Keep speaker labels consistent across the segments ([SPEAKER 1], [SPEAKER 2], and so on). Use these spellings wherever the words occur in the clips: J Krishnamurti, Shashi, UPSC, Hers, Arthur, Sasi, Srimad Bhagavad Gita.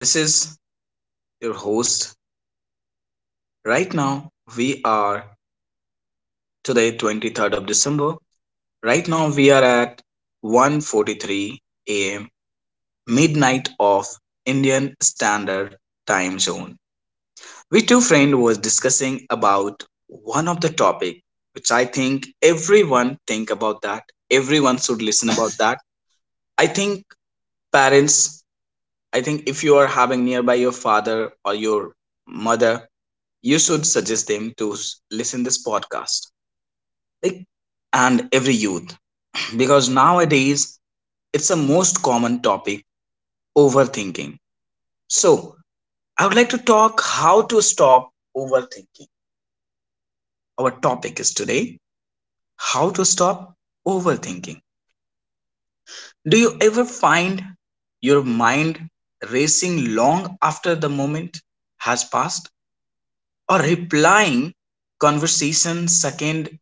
[SPEAKER 1] This is your host. Right now, we are today, 23rd of December. Right now, we are at 1:43 a.m. midnight of Indian Standard Time Zone. We two friend was discussing about one of the topic which I think everyone think about that. Everyone should listen about that. I think parents. I think if you are having nearby your father or your mother, you should suggest them to listen this podcast, like, and every youth because nowadays it's a most common topic, overthinking. So I would like to talk how to stop overthinking. Our topic is today how to stop overthinking. Do you ever find your mind racing long after the moment has passed, or replying conversation, second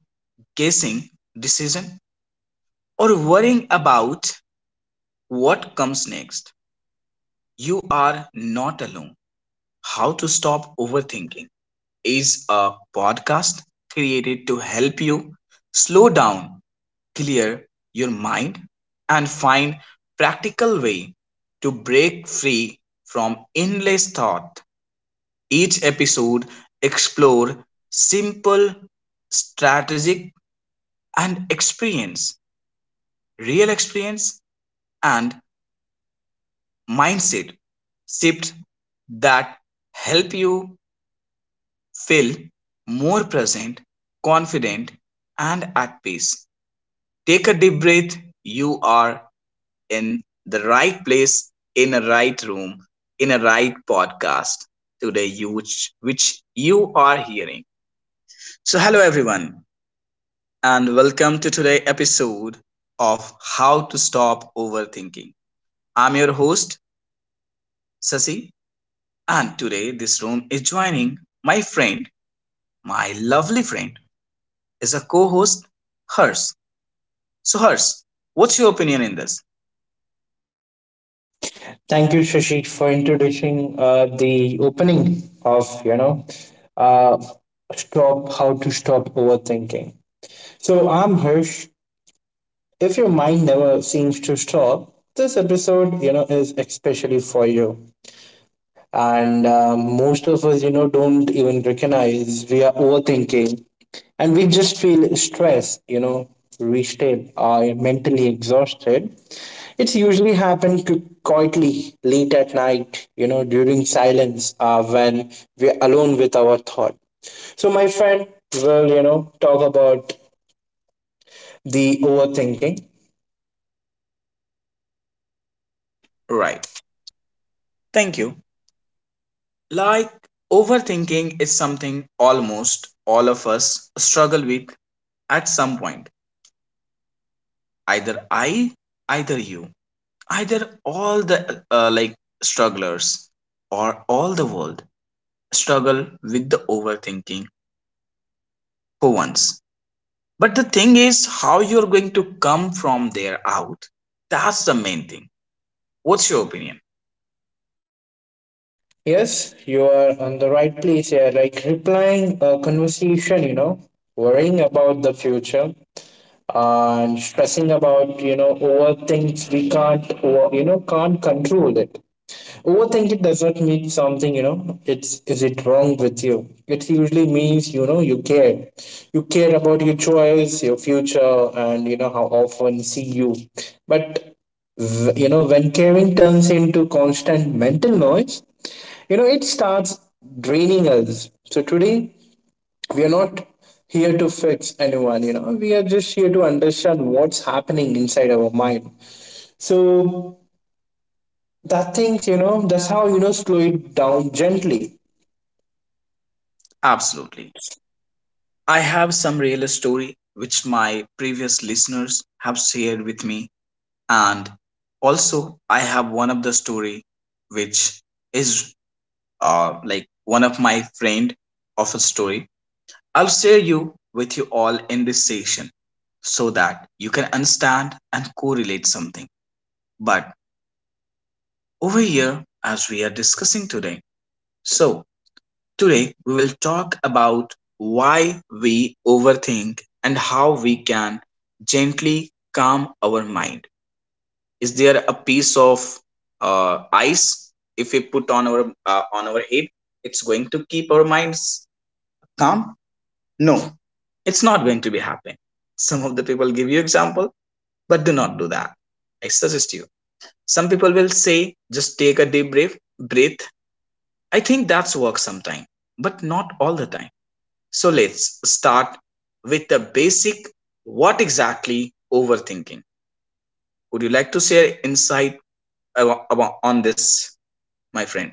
[SPEAKER 1] guessing decision, or worrying about what comes next? You are not alone. How to Stop Overthinking is a podcast created to help you slow down, clear your mind, and find practical way to break free from endless thought. Each episode explore simple strategic and experience real experience and mindset shift that help you feel more present, confident, and at peace. Take a deep breath. You are in the right place, in a right room, in a right podcast today, you, which you are hearing. So, hello everyone, and welcome to today's episode of How to Stop Overthinking. I'm your host, Sasi, and today, this room is joining my friend, my lovely friend, is a co host, Hers. So, Hers, what's your opinion in this?
[SPEAKER 2] Thank you, Shashi, for introducing the opening of uh, stop how to stop overthinking. So I'm Hirsch. If your mind never seems to stop, this episode is especially for you, and most of us don't even recognize we are overthinking, and we just feel stressed, reached or mentally exhausted. It's usually happened quietly late at night, during silence, when we're alone with our thought. So my friend will talk about the overthinking.
[SPEAKER 1] Right. Thank you. Like, overthinking is something almost all of us struggle with at some point. Either I, either you, either all the like strugglers or all the world struggle with the overthinking for once. But the thing is, how you're going to come from there out, that's the main thing. What's your opinion?
[SPEAKER 2] Yes, you are on the right place here, like replying a conversation, worrying about the future and stressing about, over things we can't over, can't control it. Overthinking doesn't mean something, it's is it wrong with you. It usually means, you care. You care about your choice, your future, and how often see you. But when caring turns into constant mental noise, it starts draining us. So today we are not here to fix anyone, we are just here to understand what's happening inside our mind. So that things, that's how, slow it down gently.
[SPEAKER 1] Absolutely. I have some real story which my previous listeners have shared with me, and also I have one of the story which is like one of my friend of a story. I'll share you with you all in this session so that you can understand and correlate something. But over here, as we are discussing today, so today we will talk about why we overthink and how we can gently calm our mind. Is there a piece of ice if we put on our head? It's going to keep our minds calm? No, it's not going to be happening. Some of the people give you example, but do not do that. I suggest you. Some people will say just take a deep breath. Breathe. I think that's work sometime, but not all the time. So let's start with the basic, what exactly overthinking? Would you like to share insight on this, my friend?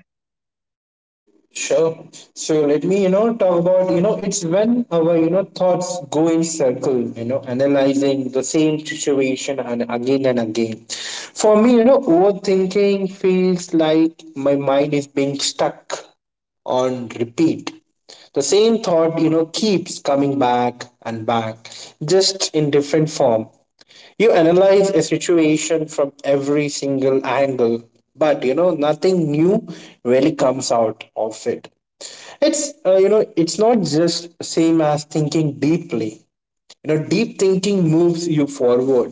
[SPEAKER 2] Sure. So let me, talk about, it's when our, thoughts go in circle, analyzing the same situation and again and again. For me, overthinking feels like my mind is being stuck on repeat. The same thought, keeps coming back and back, just in different form. You analyze a situation from every single angle, but nothing new really comes out of it. It's uh, you know it's not just same as thinking deeply. Deep thinking moves you forward.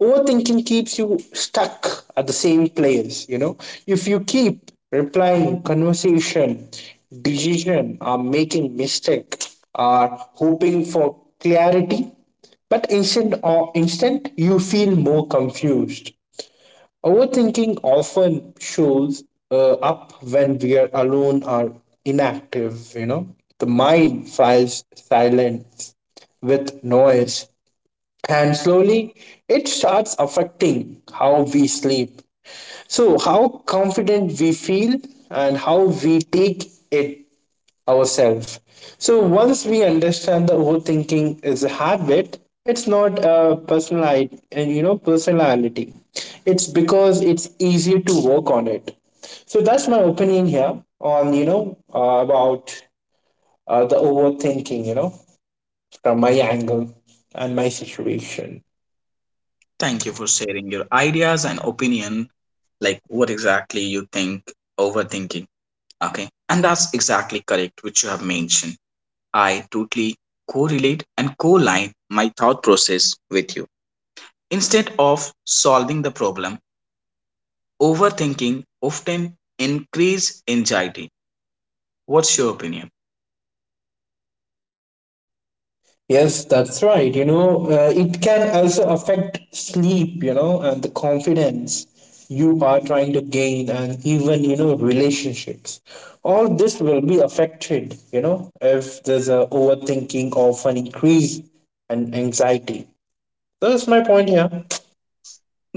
[SPEAKER 2] Overthinking keeps you stuck at the same place. If you keep replying, conversation, decision, or making mistake, or hoping for clarity, but instant or instant you feel more confused. Overthinking often shows up when we are alone or inactive. The mind files silence with noise, and slowly it starts affecting how we sleep. So, how confident we feel and how we take it ourselves. So, once we understand the overthinking is a habit, it's not a personal, and, personality. It's because it's easier to work on it. So that's my opinion here on, about, the overthinking, from my angle and my situation.
[SPEAKER 1] Thank you for sharing your ideas and opinion, like what exactly you think overthinking. Okay, and that's exactly correct, which you have mentioned. I totally correlate and co-line my thought process with you. Instead of solving the problem, overthinking often increase anxiety. What's your opinion?
[SPEAKER 2] Yes, that's right. It can also affect sleep, and the confidence you are trying to gain, and even, relationships. All this will be affected, if there's a overthinking of an increase and anxiety. So that's my point here.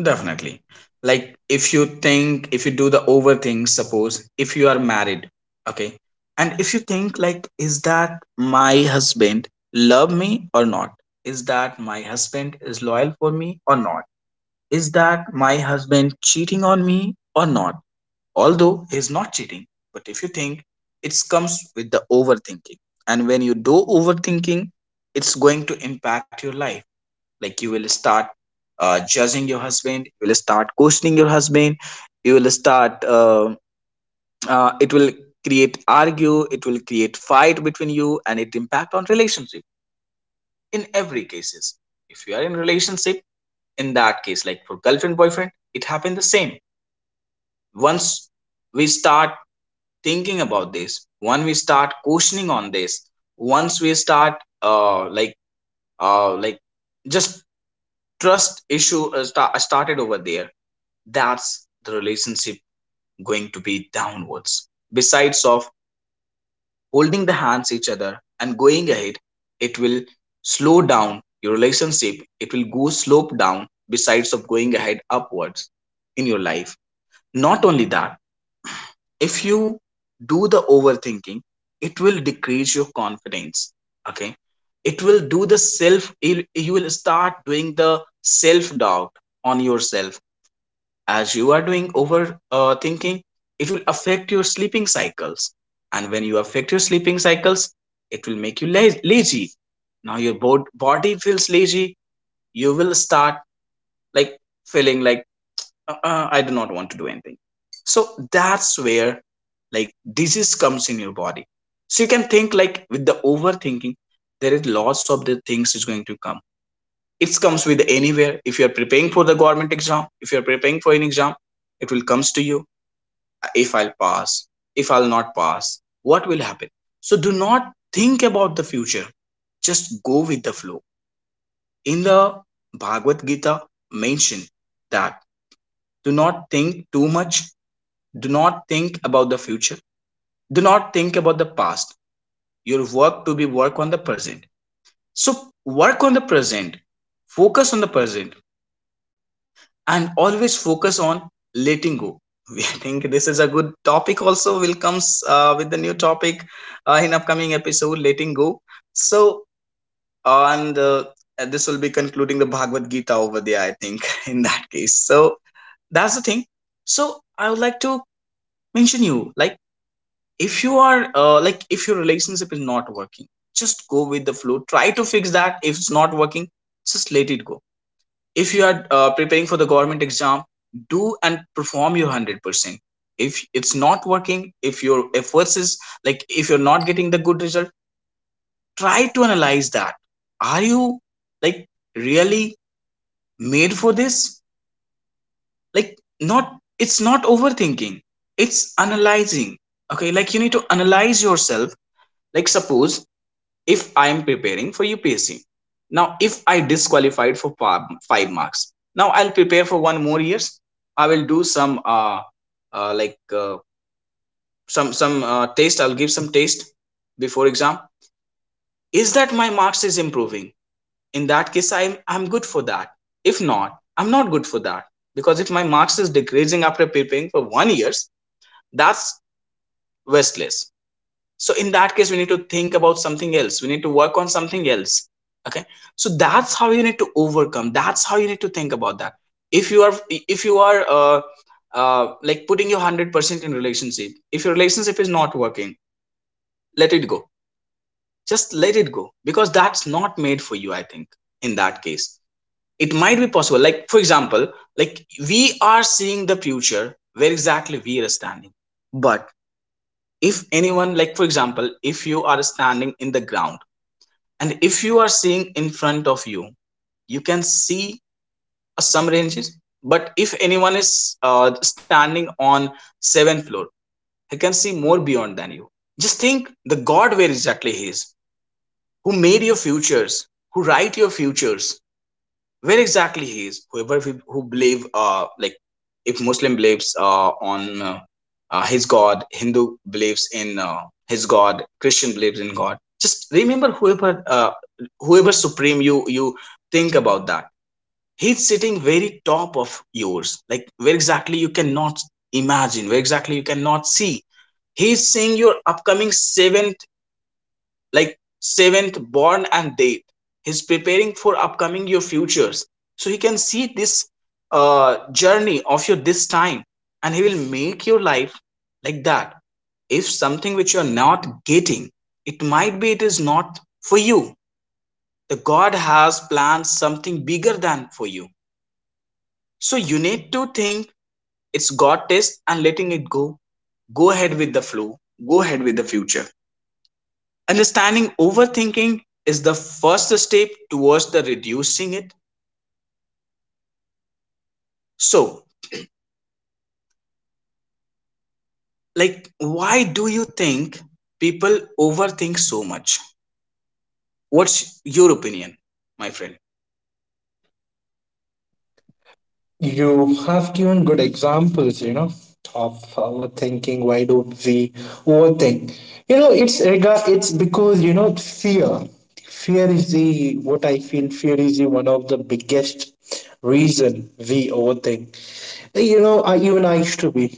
[SPEAKER 1] Definitely. Like if you think, if you do the overthink, suppose if you are married, okay, and if you think like, is that my husband love me or not? Is that my husband is loyal for me or not? Is that my husband cheating on me or not? Although he's not cheating, but if you think, it comes with the overthinking, and when you do overthinking, it's going to impact your life, like you will start judging your husband, you will start questioning your husband, you will start it will create argue, it will create fight between you, and it impact on relationship in every cases. If you are in relationship, in that case, like for girlfriend boyfriend, it happened the same. Once we start thinking about this, once we start questioning on this, once we start like just trust issue started over there, that's the relationship going to be downwards besides of holding the hands each other and going ahead, it will slow down your relationship, it will go slope down besides of going ahead upwards in your life. Not only that, if you do the overthinking, it will decrease your confidence. Okay, it will do the self, you will start doing the self doubt on yourself. As you are doing over thinking, it will affect your sleeping cycles, and when you affect your sleeping cycles, it will make you lazy. Now your body feels lazy. You will start, like, feeling like I do not want to do anything. So that's where, like, disease comes in your body. So you can think, like, with the overthinking, there is lots of the things is going to come. It comes with anywhere. If you are preparing for the government exam, if you are preparing for an exam, it will comes to you. If I'll pass, if I'll not pass, what will happen? So do not think about the future. Just go with the flow. In the Bhagavad Gita mention that do not think too much, do not think about the future, do not think about the past. Your work to be work on the present. So work on the present, focus on the present, and always focus on letting go. We think this is a good topic. Also, will comes with the new topic in upcoming episode, letting go. So, and this will be concluding the Bhagavad Gita over there. I think in that case. So that's the thing. So I would like to mention you like if you are like if your relationship is not working, just go with the flow. Try to fix that. If it's not working, just let it go. If you are preparing for the government exam, do and perform your 100%. If it's not working, if your efforts is, like, if you're not getting the good result, try to analyze that, are you, like, really made for this? Like, not, it's not overthinking, it's analyzing. Okay, like, you need to analyze yourself. Like suppose if I am preparing for UPSC. Now, if I disqualified for five marks, now I'll prepare for one more years. I will do some like some test. I'll give some test before exam. Is that my marks is improving? In that case, I'm good for that. If not, I'm not good for that because if my marks is decreasing after preparing for one years, that's wasteless. So in that case we need to think about something else, we need to work on something else. Okay. So that's how you need to overcome, that's how you need to think about that. If you are like putting your 100% in relationship, if your relationship is not working, let it go. Just let it go because that's not made for you, I think. In that case, it might be possible, like for example, like we are seeing the future, where exactly we are standing. But if anyone, like for example, if you are standing in the ground, and if you are seeing in front of you, you can see some ranges. But if anyone is standing on seventh floor, he can see more beyond than you. Just think the God, where exactly he is, who made your futures, who write your futures, where exactly he is, whoever who believe like, if Muslim believes on his God, Hindu believes in his God, Christian believes in God. Just remember whoever supreme you think about that, he's sitting very top of yours, like where exactly you cannot imagine, where exactly you cannot see. He's seeing your upcoming seven, like seventh born and date, he's preparing for upcoming your futures. So he can see this journey of your this time, and he will make your life like that. If something which you're not getting, it might be it is not for you. The God has planned something bigger than for you. So you need to think it's God test and letting it go. Go ahead with the flow, go ahead with the future. Understanding overthinking is the first step towards the reducing it. So, like, why do you think people overthink so much? What's your opinion, my friend?
[SPEAKER 2] You have given good examples of overthinking. Why don't we overthink? It's regard it's because, fear. Fear is the what I feel. Fear is the one of the biggest reason we overthink. I used to be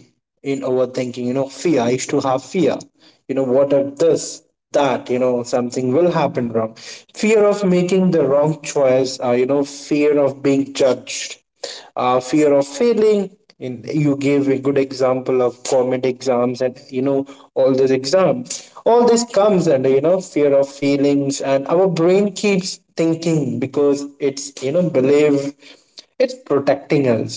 [SPEAKER 2] in overthinking, fear. I used to have fear, what if this that, something will happen wrong. Fear of making the wrong choice, fear of being judged, fear of failing in. You gave a good example of government exams, and all these exams, all this comes under, fear of feelings, and our brain keeps thinking because it's, believe it's protecting us.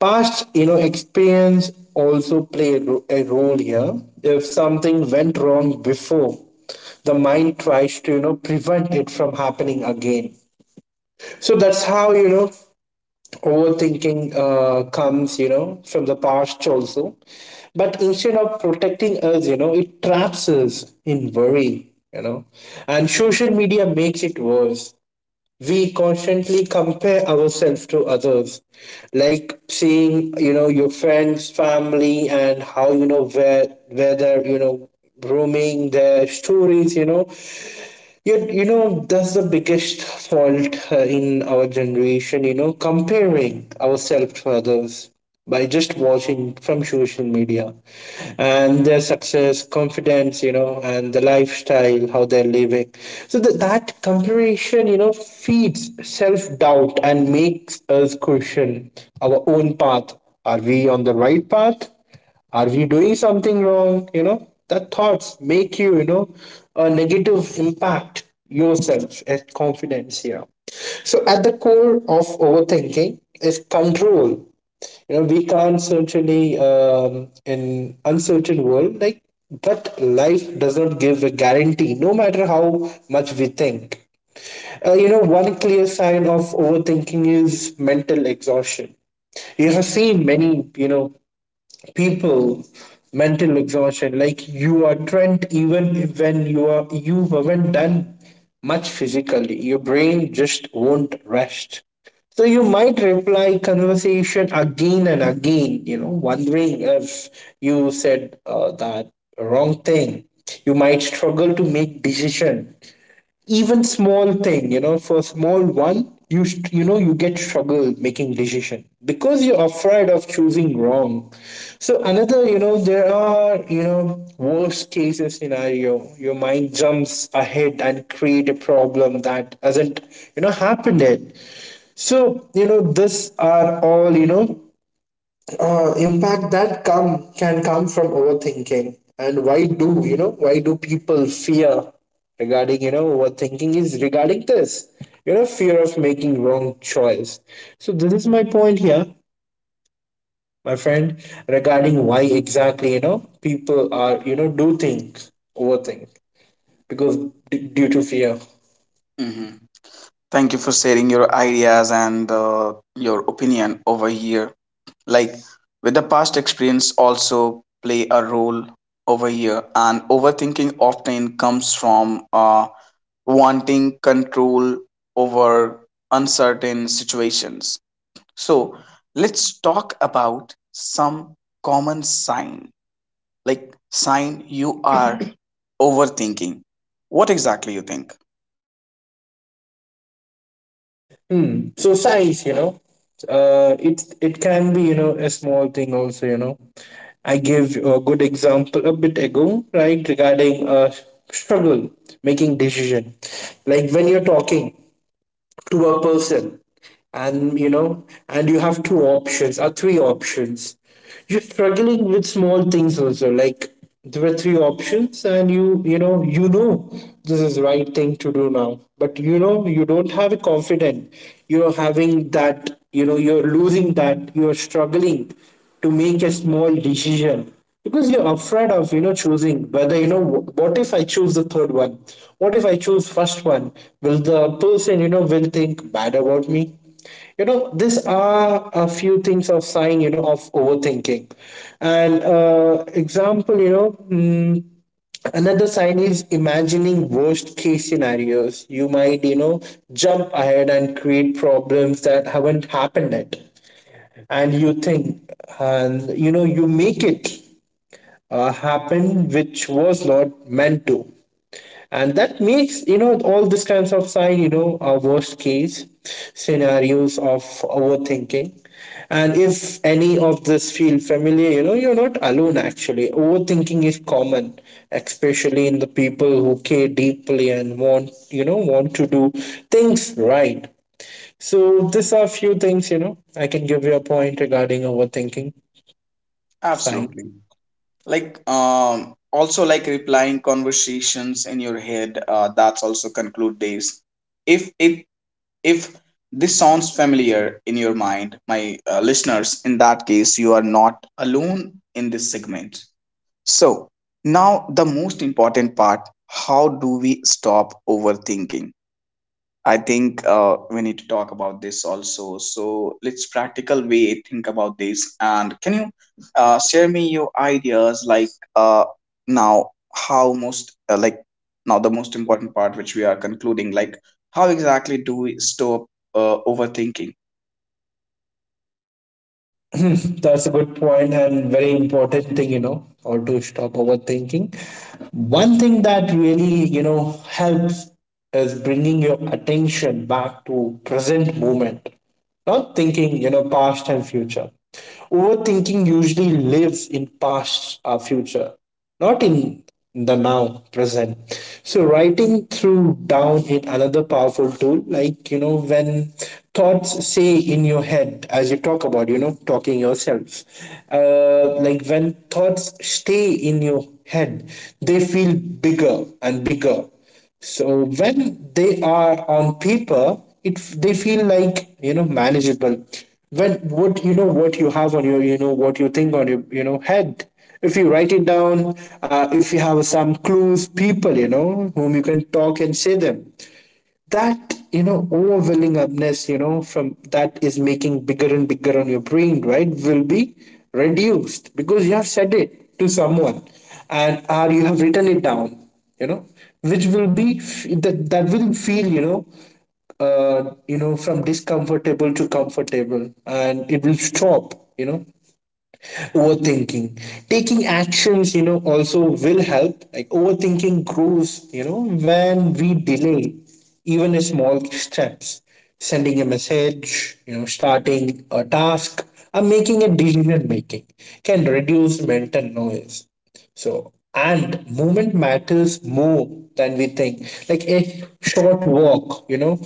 [SPEAKER 2] Past, experience also play a role here. If something went wrong before, the mind tries to, prevent it from happening again. So that's how, overthinking comes, from the past also, but instead of protecting us, it traps us in worry. And social media makes it worse. We constantly compare ourselves to others, like seeing, your friends, family, and how, where they're, roaming their stories. You, that's the biggest fault, in our generation, comparing ourselves to others by just watching from social media, and their success, confidence, and the lifestyle, how they're living. So that comparison, feeds self doubt, and makes us question our own path. Are we on the right path? Are we doing something wrong? That thoughts make you, a negative impact yourself at confidence here. So at the core of overthinking is control. We can't certainly in uncertain world like, but life does not give a guarantee. No matter how much we think, one clear sign of overthinking is mental exhaustion. You have seen many, people mental exhaustion, like you are trained even when you are, you haven't done much physically, your brain just won't rest. So you might reply conversation again and again, wondering if you said, that wrong thing. You might struggle to make decision, even small thing, for small one you st- you know you get struggle making decision, because you're afraid of choosing wrong. So another, there are, worst cases scenario, your mind jumps ahead and create a problem that hasn't, happened yet. So, this are all, impact that come can come from overthinking. And why do, why do people fear regarding, overthinking is regarding this, fear of making wrong choice. So this is my point here, my friend, regarding why exactly, people are, do think overthink, because due to fear.
[SPEAKER 1] Hmm. Thank you for sharing your ideas and your opinion over here. Like, with the past experience also play a role over here, and overthinking often comes from wanting control over uncertain situations. So let's talk about some common sign, like sign you are overthinking. What exactly you think?
[SPEAKER 2] So size, it can be, a small thing also. I gave a good example a bit ago, right, regarding, struggle making decision, like when you're talking to a person, and and you have two options or three options, you're struggling with small things also, like there were three options, and this is the right thing to do now, but you don't have a confidence, you're having that, you're losing that, you're struggling to make a small decision, because you're afraid of, choosing whether, what if I choose the third one, what if I choose first one, will the person, will think bad about me. These are a few things of sign, of overthinking, and, example, another sign is imagining worst case scenarios. You might, jump ahead and create problems that haven't happened yet, and you think, and, you make it, happened, which was not meant to, and that makes, all these kinds of sign, our worst case scenarios of overthinking. And if any of this feel familiar, you're not alone. Actually, overthinking is common, especially in the people who care deeply and want, want to do things right. So these are few things, I can give you a point regarding overthinking sign.
[SPEAKER 1] Absolutely. Like, also like replying conversations in your head. That's also conclude days. If it if this sounds familiar in your mind, my listeners, in that case, you are not alone in this segment. So, now the most important part, how do we stop overthinking? I think we need to talk about this also. So, let's practical way think about this. And can you share me your ideas, like uh, now how most uh, like now the most important part, which we are concluding, like how exactly do we stop overthinking?
[SPEAKER 2] That's a good point, and very important thing, or to stop overthinking. One thing that really, helps is bringing your attention back to present moment, not thinking, past and future. Overthinking usually lives in past or future, not in the now present. So writing through down is another powerful tool, like, when thoughts say in your head, as you talk about, talking yourself, like when thoughts stay in your head, they feel bigger and bigger. So when they are on paper, it they feel like, manageable. When what, what you have on your, what you think on your, head. If you write it down, if you have some clues, people, whom you can talk and say them, that, overwhelming upness, from that is making bigger and bigger on your brain, right, will be reduced because you have said it to someone, and or you have written it down you know which will be, that will feel, from discomfortable to comfortable, and it will stop, overthinking. Taking actions, also will help, like overthinking grows, when we delay, even a small steps, sending a message, starting a task, or making a decision making, can reduce mental noise. So, and movement matters more than we think. Like a short walk,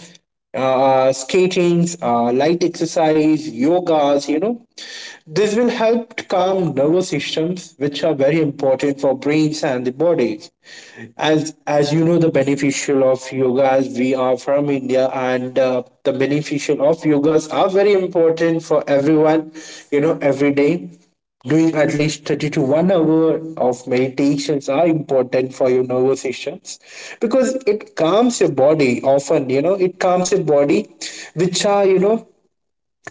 [SPEAKER 2] skatings, light exercise, yogas, this will help to calm nervous systems, which are very important for brains and the bodies. As you know, the beneficial of yogas, we are from India, and the beneficial of yogas are very important for everyone. You know, every day doing at least 30 to 1 hour of meditations are important for your nervous systems, because it calms your body often, it calms your body, which are,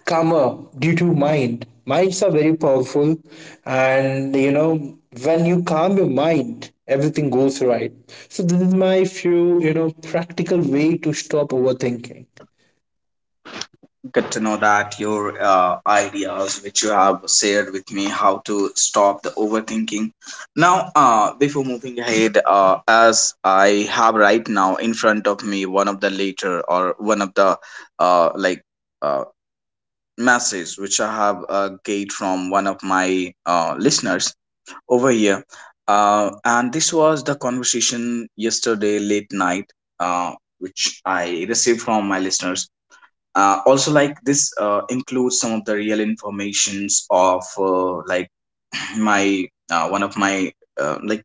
[SPEAKER 2] calmer due to mind. Minds are very powerful, and, when you calm your mind, everything goes right. So, this is my few, practical way to stop overthinking.
[SPEAKER 1] Good to know that your ideas, which you have shared with me, how to stop the overthinking. Now, before moving ahead, as I have right now in front of me one of the later or one of the uh, like uh, message which I have get from one of my listeners over here, and this was the conversation yesterday late night, uh, which I received from my listeners, also like this includes some of the real informations of my one of my uh, like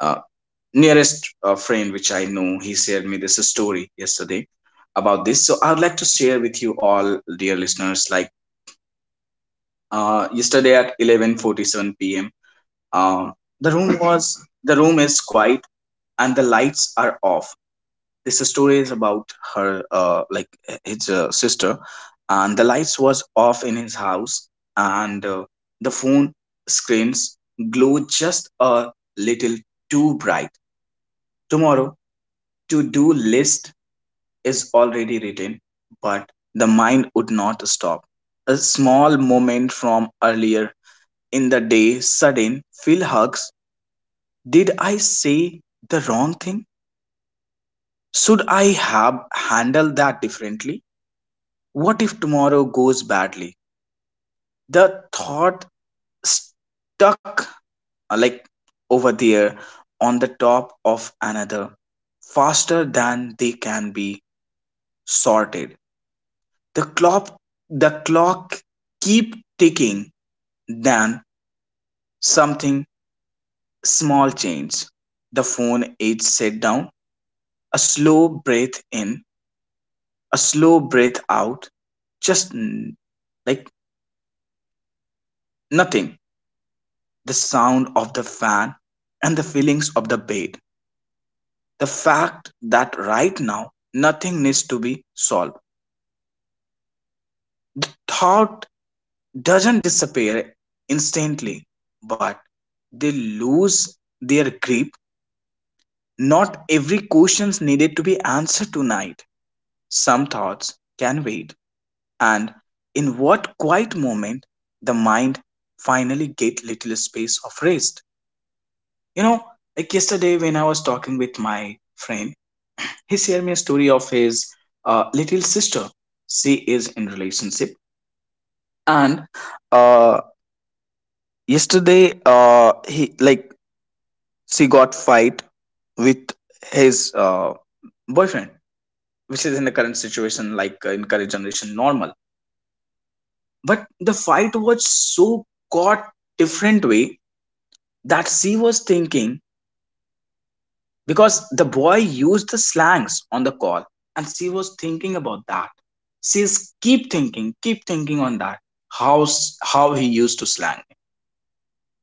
[SPEAKER 1] uh, nearest friend, which I know. He shared me this story yesterday about this, so I would like to share with you all, dear listeners, like yesterday at 11:47 p.m. um the room was the room is quiet, and the lights are off. This story is about her, his sister. And the lights was off in his house, and the phone screens glow just a little too bright. Tomorrow to do list is already written, but the mind would not stop. A small moment from earlier in the day, sudden phil hugs. Did I say the wrong thing? Should I have handled that differently? What if tomorrow goes badly? The thought stuck, uh, like over there, on the top of another, faster than they can be sorted. The clock the clock keep ticking. Then something small change. The phone is set down, a slow breath in, a slow breath out. Just n- like Nothing. The sound of the fan, and the feelings of the bed. The fact that right now nothing needs to be solved. The thought doesn't disappear instantly, but they lose their grip. Not every question needed to be answered tonight. Some thoughts can wait. And in what quiet moment the mind finally get little space of rest. You know, like yesterday when I was talking with my friend, he shared me a story of his little sister. She is in relationship, and uh, yesterday he, like, she got fight with his boyfriend, which is in the current situation, like, in current generation normal. But the fight was so got different way that she was thinking, because the boy used the slangs on the call, and she was thinking about that. She's keep thinking on that, how how he used to slang me.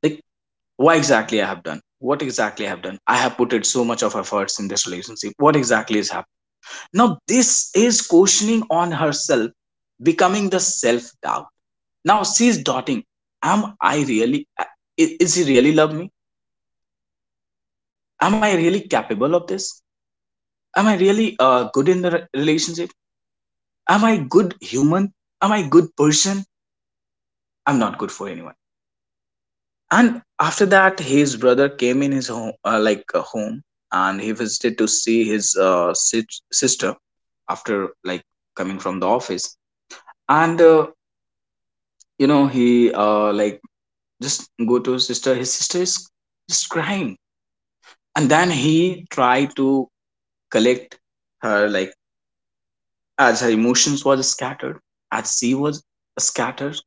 [SPEAKER 1] Like, what exactly I have done? What exactly I have done? I have put it so much of efforts in this relationship. What exactly is happening? Now this is questioning on herself, becoming the self doubt. Now she's doubting, am I really, is he really love me? Am I really capable of this? Am I really good in the relationship? Am I good human? Am I good person? I'm not good for anyone. And after that, his brother came in his home, home, and he visited to see his sister after, like, coming from the office. And you know, he just go to his sister. His sister is just crying, and then he tried to collect her, like, as her emotions was scattered, as she was scattered.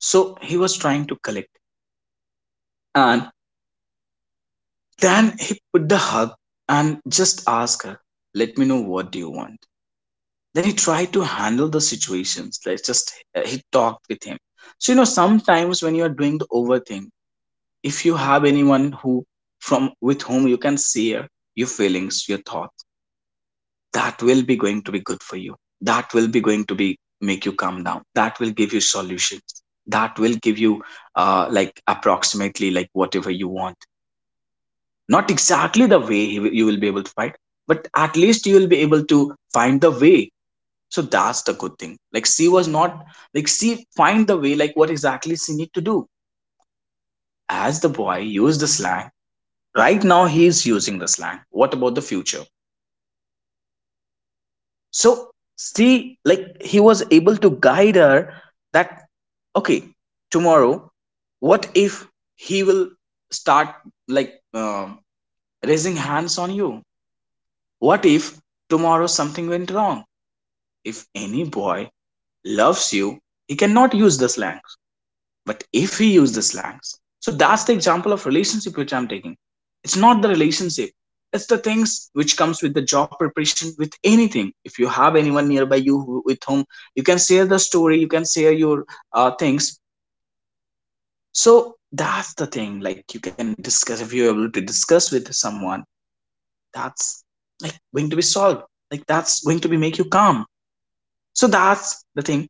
[SPEAKER 1] So he was trying to collect, and then he put the hug and just asked her, let me know what do you want. Then he tried to handle the situations. Like, just he talked with him. So you know, sometimes when you are doing the overthink, if you have anyone who from with whom you can share your feelings, your thoughts, that will be going to be good for you. That will be going to be make you calm down. That will give you solutions. That will give you approximately like whatever you want, not exactly the way you will be able to fight, but at least you will be able to find the way. So that's the good thing, like she was not, like she find the way, like what exactly she need to do. As the boy used the slang right now, he is using the slang, what about the future? So, see, like, he was able to guide her that okay, tomorrow, what if he will start, like, um raising hands on you? What if tomorrow something went wrong? If any boy loves you, he cannot use the slangs. But if he uses the slangs, so that's the example of relationship which I'm taking. It's not the relationship. It's the things which comes with the job preparation with anything. If you have anyone nearby you who- with whom you can share the story, you can share your things. So that's the thing. Like, you can discuss if you're able to discuss with someone. That's, like, going to be solved. Like, that's going to be make you calm. So that's the thing.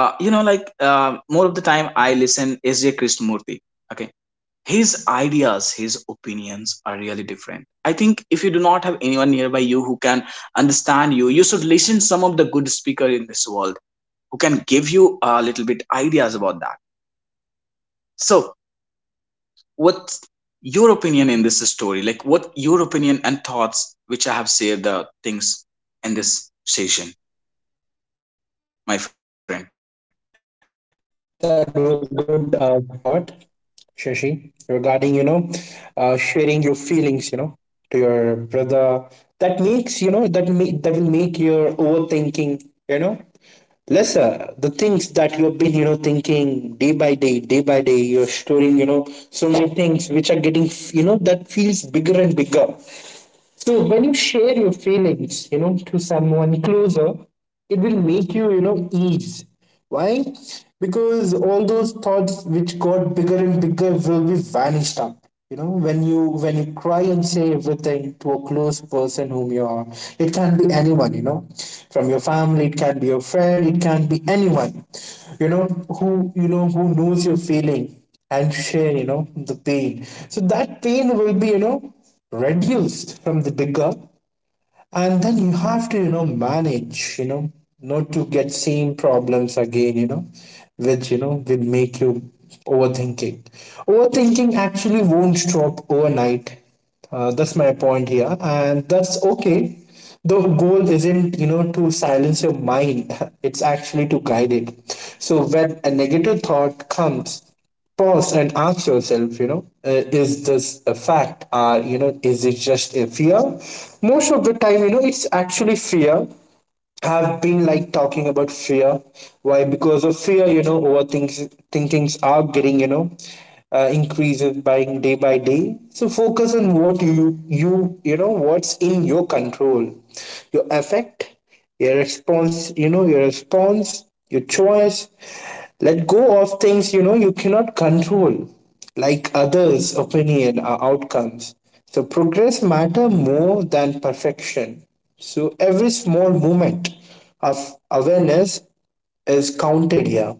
[SPEAKER 1] You know, like, more of the time I listen SJ Krishnamurti, okay. His ideas, his opinions are really different. I think if you do not have anyone nearby you who can understand you, you should listen some of the good speaker in this world who can give you a little bit ideas about that. So, what's your opinion in this story? Like, what your opinion and thoughts, which I have shared the things in this session, my friend?
[SPEAKER 2] That was a good, thought, Shashi, regarding, sharing your feelings, to your brother. That makes, that will make your overthinking, you know, lesser. The things that you have been, thinking day by day, you're storing, so many things which are getting, that feels bigger and bigger. So when you share your feelings, to someone closer, it will make you, ease. Why? Because all those thoughts which got bigger and bigger will be vanished up. When you cry and say everything to a close person whom you are, it can be anyone, from your family, it can be your friend, it can be anyone, you know, who, who knows your feeling and share, the pain. So that pain will be, reduced from the bigger, and then you have to, manage, not to get same problems again, which, will make you overthinking. Overthinking actually won't stop overnight, that's my point here, and that's okay. The goal isn't, to silence your mind it's actually to guide it. So when a negative thought comes, pause and ask yourself, is this a fact, or, is it just a fear? Most of the time, it's actually fear. Have been like talking about fear. Why? Because of fear, overthinking thinkings are getting, increases by day by day. So focus on what what's in your control, your effect, your response, your choice. Let go of things, you cannot control, like others opinion or outcomes. So progress matter more than perfection. So every small moment of awareness is counted here,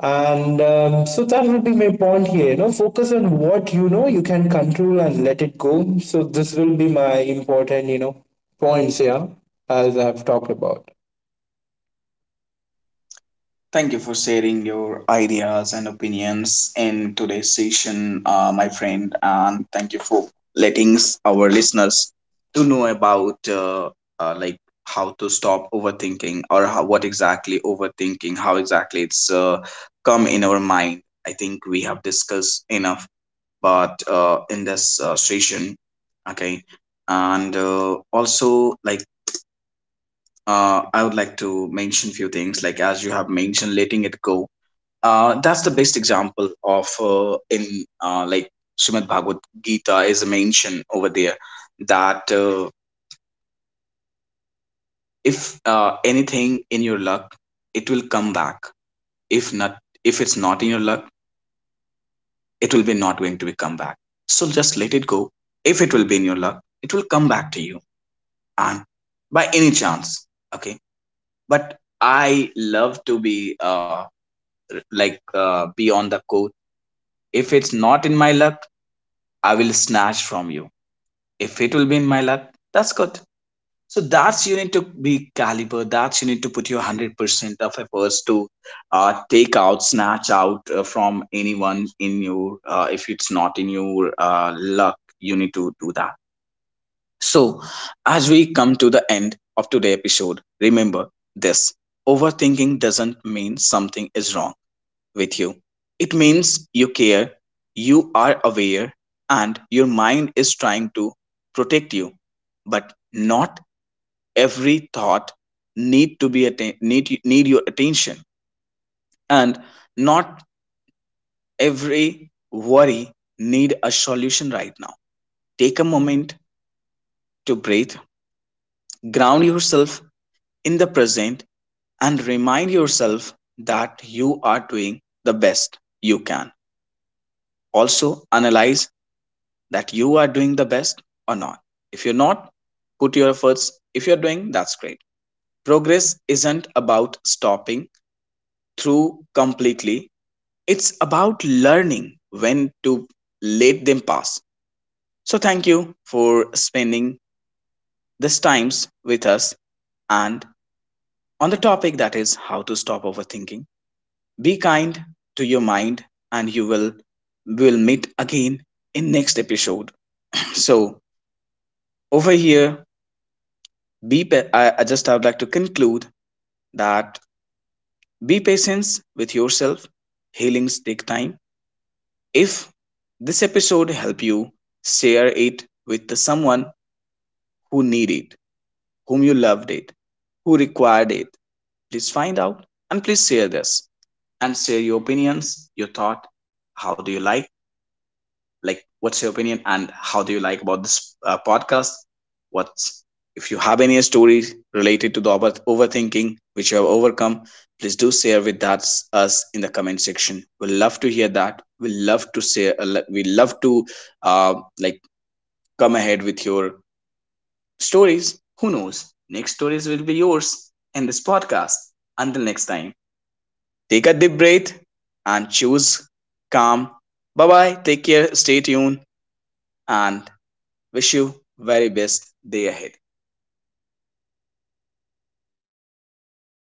[SPEAKER 2] and so that will be my point here, focus on what, you can control, and let it go. So this will be my important, points here, as I've talked about.
[SPEAKER 1] Thank you for sharing your ideas and opinions in today's session, my friend, and thank you for letting our listeners to know about uh, like how to stop overthinking, or how, what exactly overthinking, how exactly it's come in our mind. I think we have discussed enough, but in this session, okay, and also like, I would like to mention few things, like as you have mentioned, letting it go, that's the best example of in like Srimad Bhagavad Gita, is mentioned over there, that if anything in your luck, it will come back. If not, if it's not in your luck, it will be not going to be come back. So just let it go. If it will be in your luck, it will come back to you, and by any chance, okay. But I love to be be on the court. If it's not in my luck, I will snatch from you. If it will be in my lap, that's good. So that's you need to be caliber. That's you need to put your 100% of efforts to take out, snatch out, from anyone in your if it's not in your luck, you need to do that. So, as we come to the end of today's episode, remember this: overthinking doesn't mean something is wrong with you. It means you care, you are aware, and your mind is trying to protect you. But not every thought need to be atten- need need your attention, and not every worry need a solution right now. Take a moment to breathe, ground yourself in the present, and remind yourself that you are doing the best you can. Also, analyze that you are doing the best or not. If you're not, put your efforts. If you're doing, that's great. Progress isn't about stopping through completely, it's about learning when to let them pass. So, thank you for spending this times with us and on the topic that is how to stop overthinking. Be kind to your mind, and you will meet again in next episode. So, over here, Be I would like to conclude that be patient with yourself. Healings take time. If this episode helped you, share it with the someone who need it, whom you loved it, who required it. Please find out and please share this, and share your opinions, your thought. How do you like? Like, what's your opinion and how do you like about this podcast? What's, if you have any stories related to the overthinking which you have overcome, please do share with that us in the comment section. We'll love to hear that. We'll love to say, we love to, uh, like come ahead with your stories. Who knows, next stories will be yours in this podcast. Until next time, take a deep breath and choose calm. Bye bye, take care, stay tuned, and wish you very best day ahead.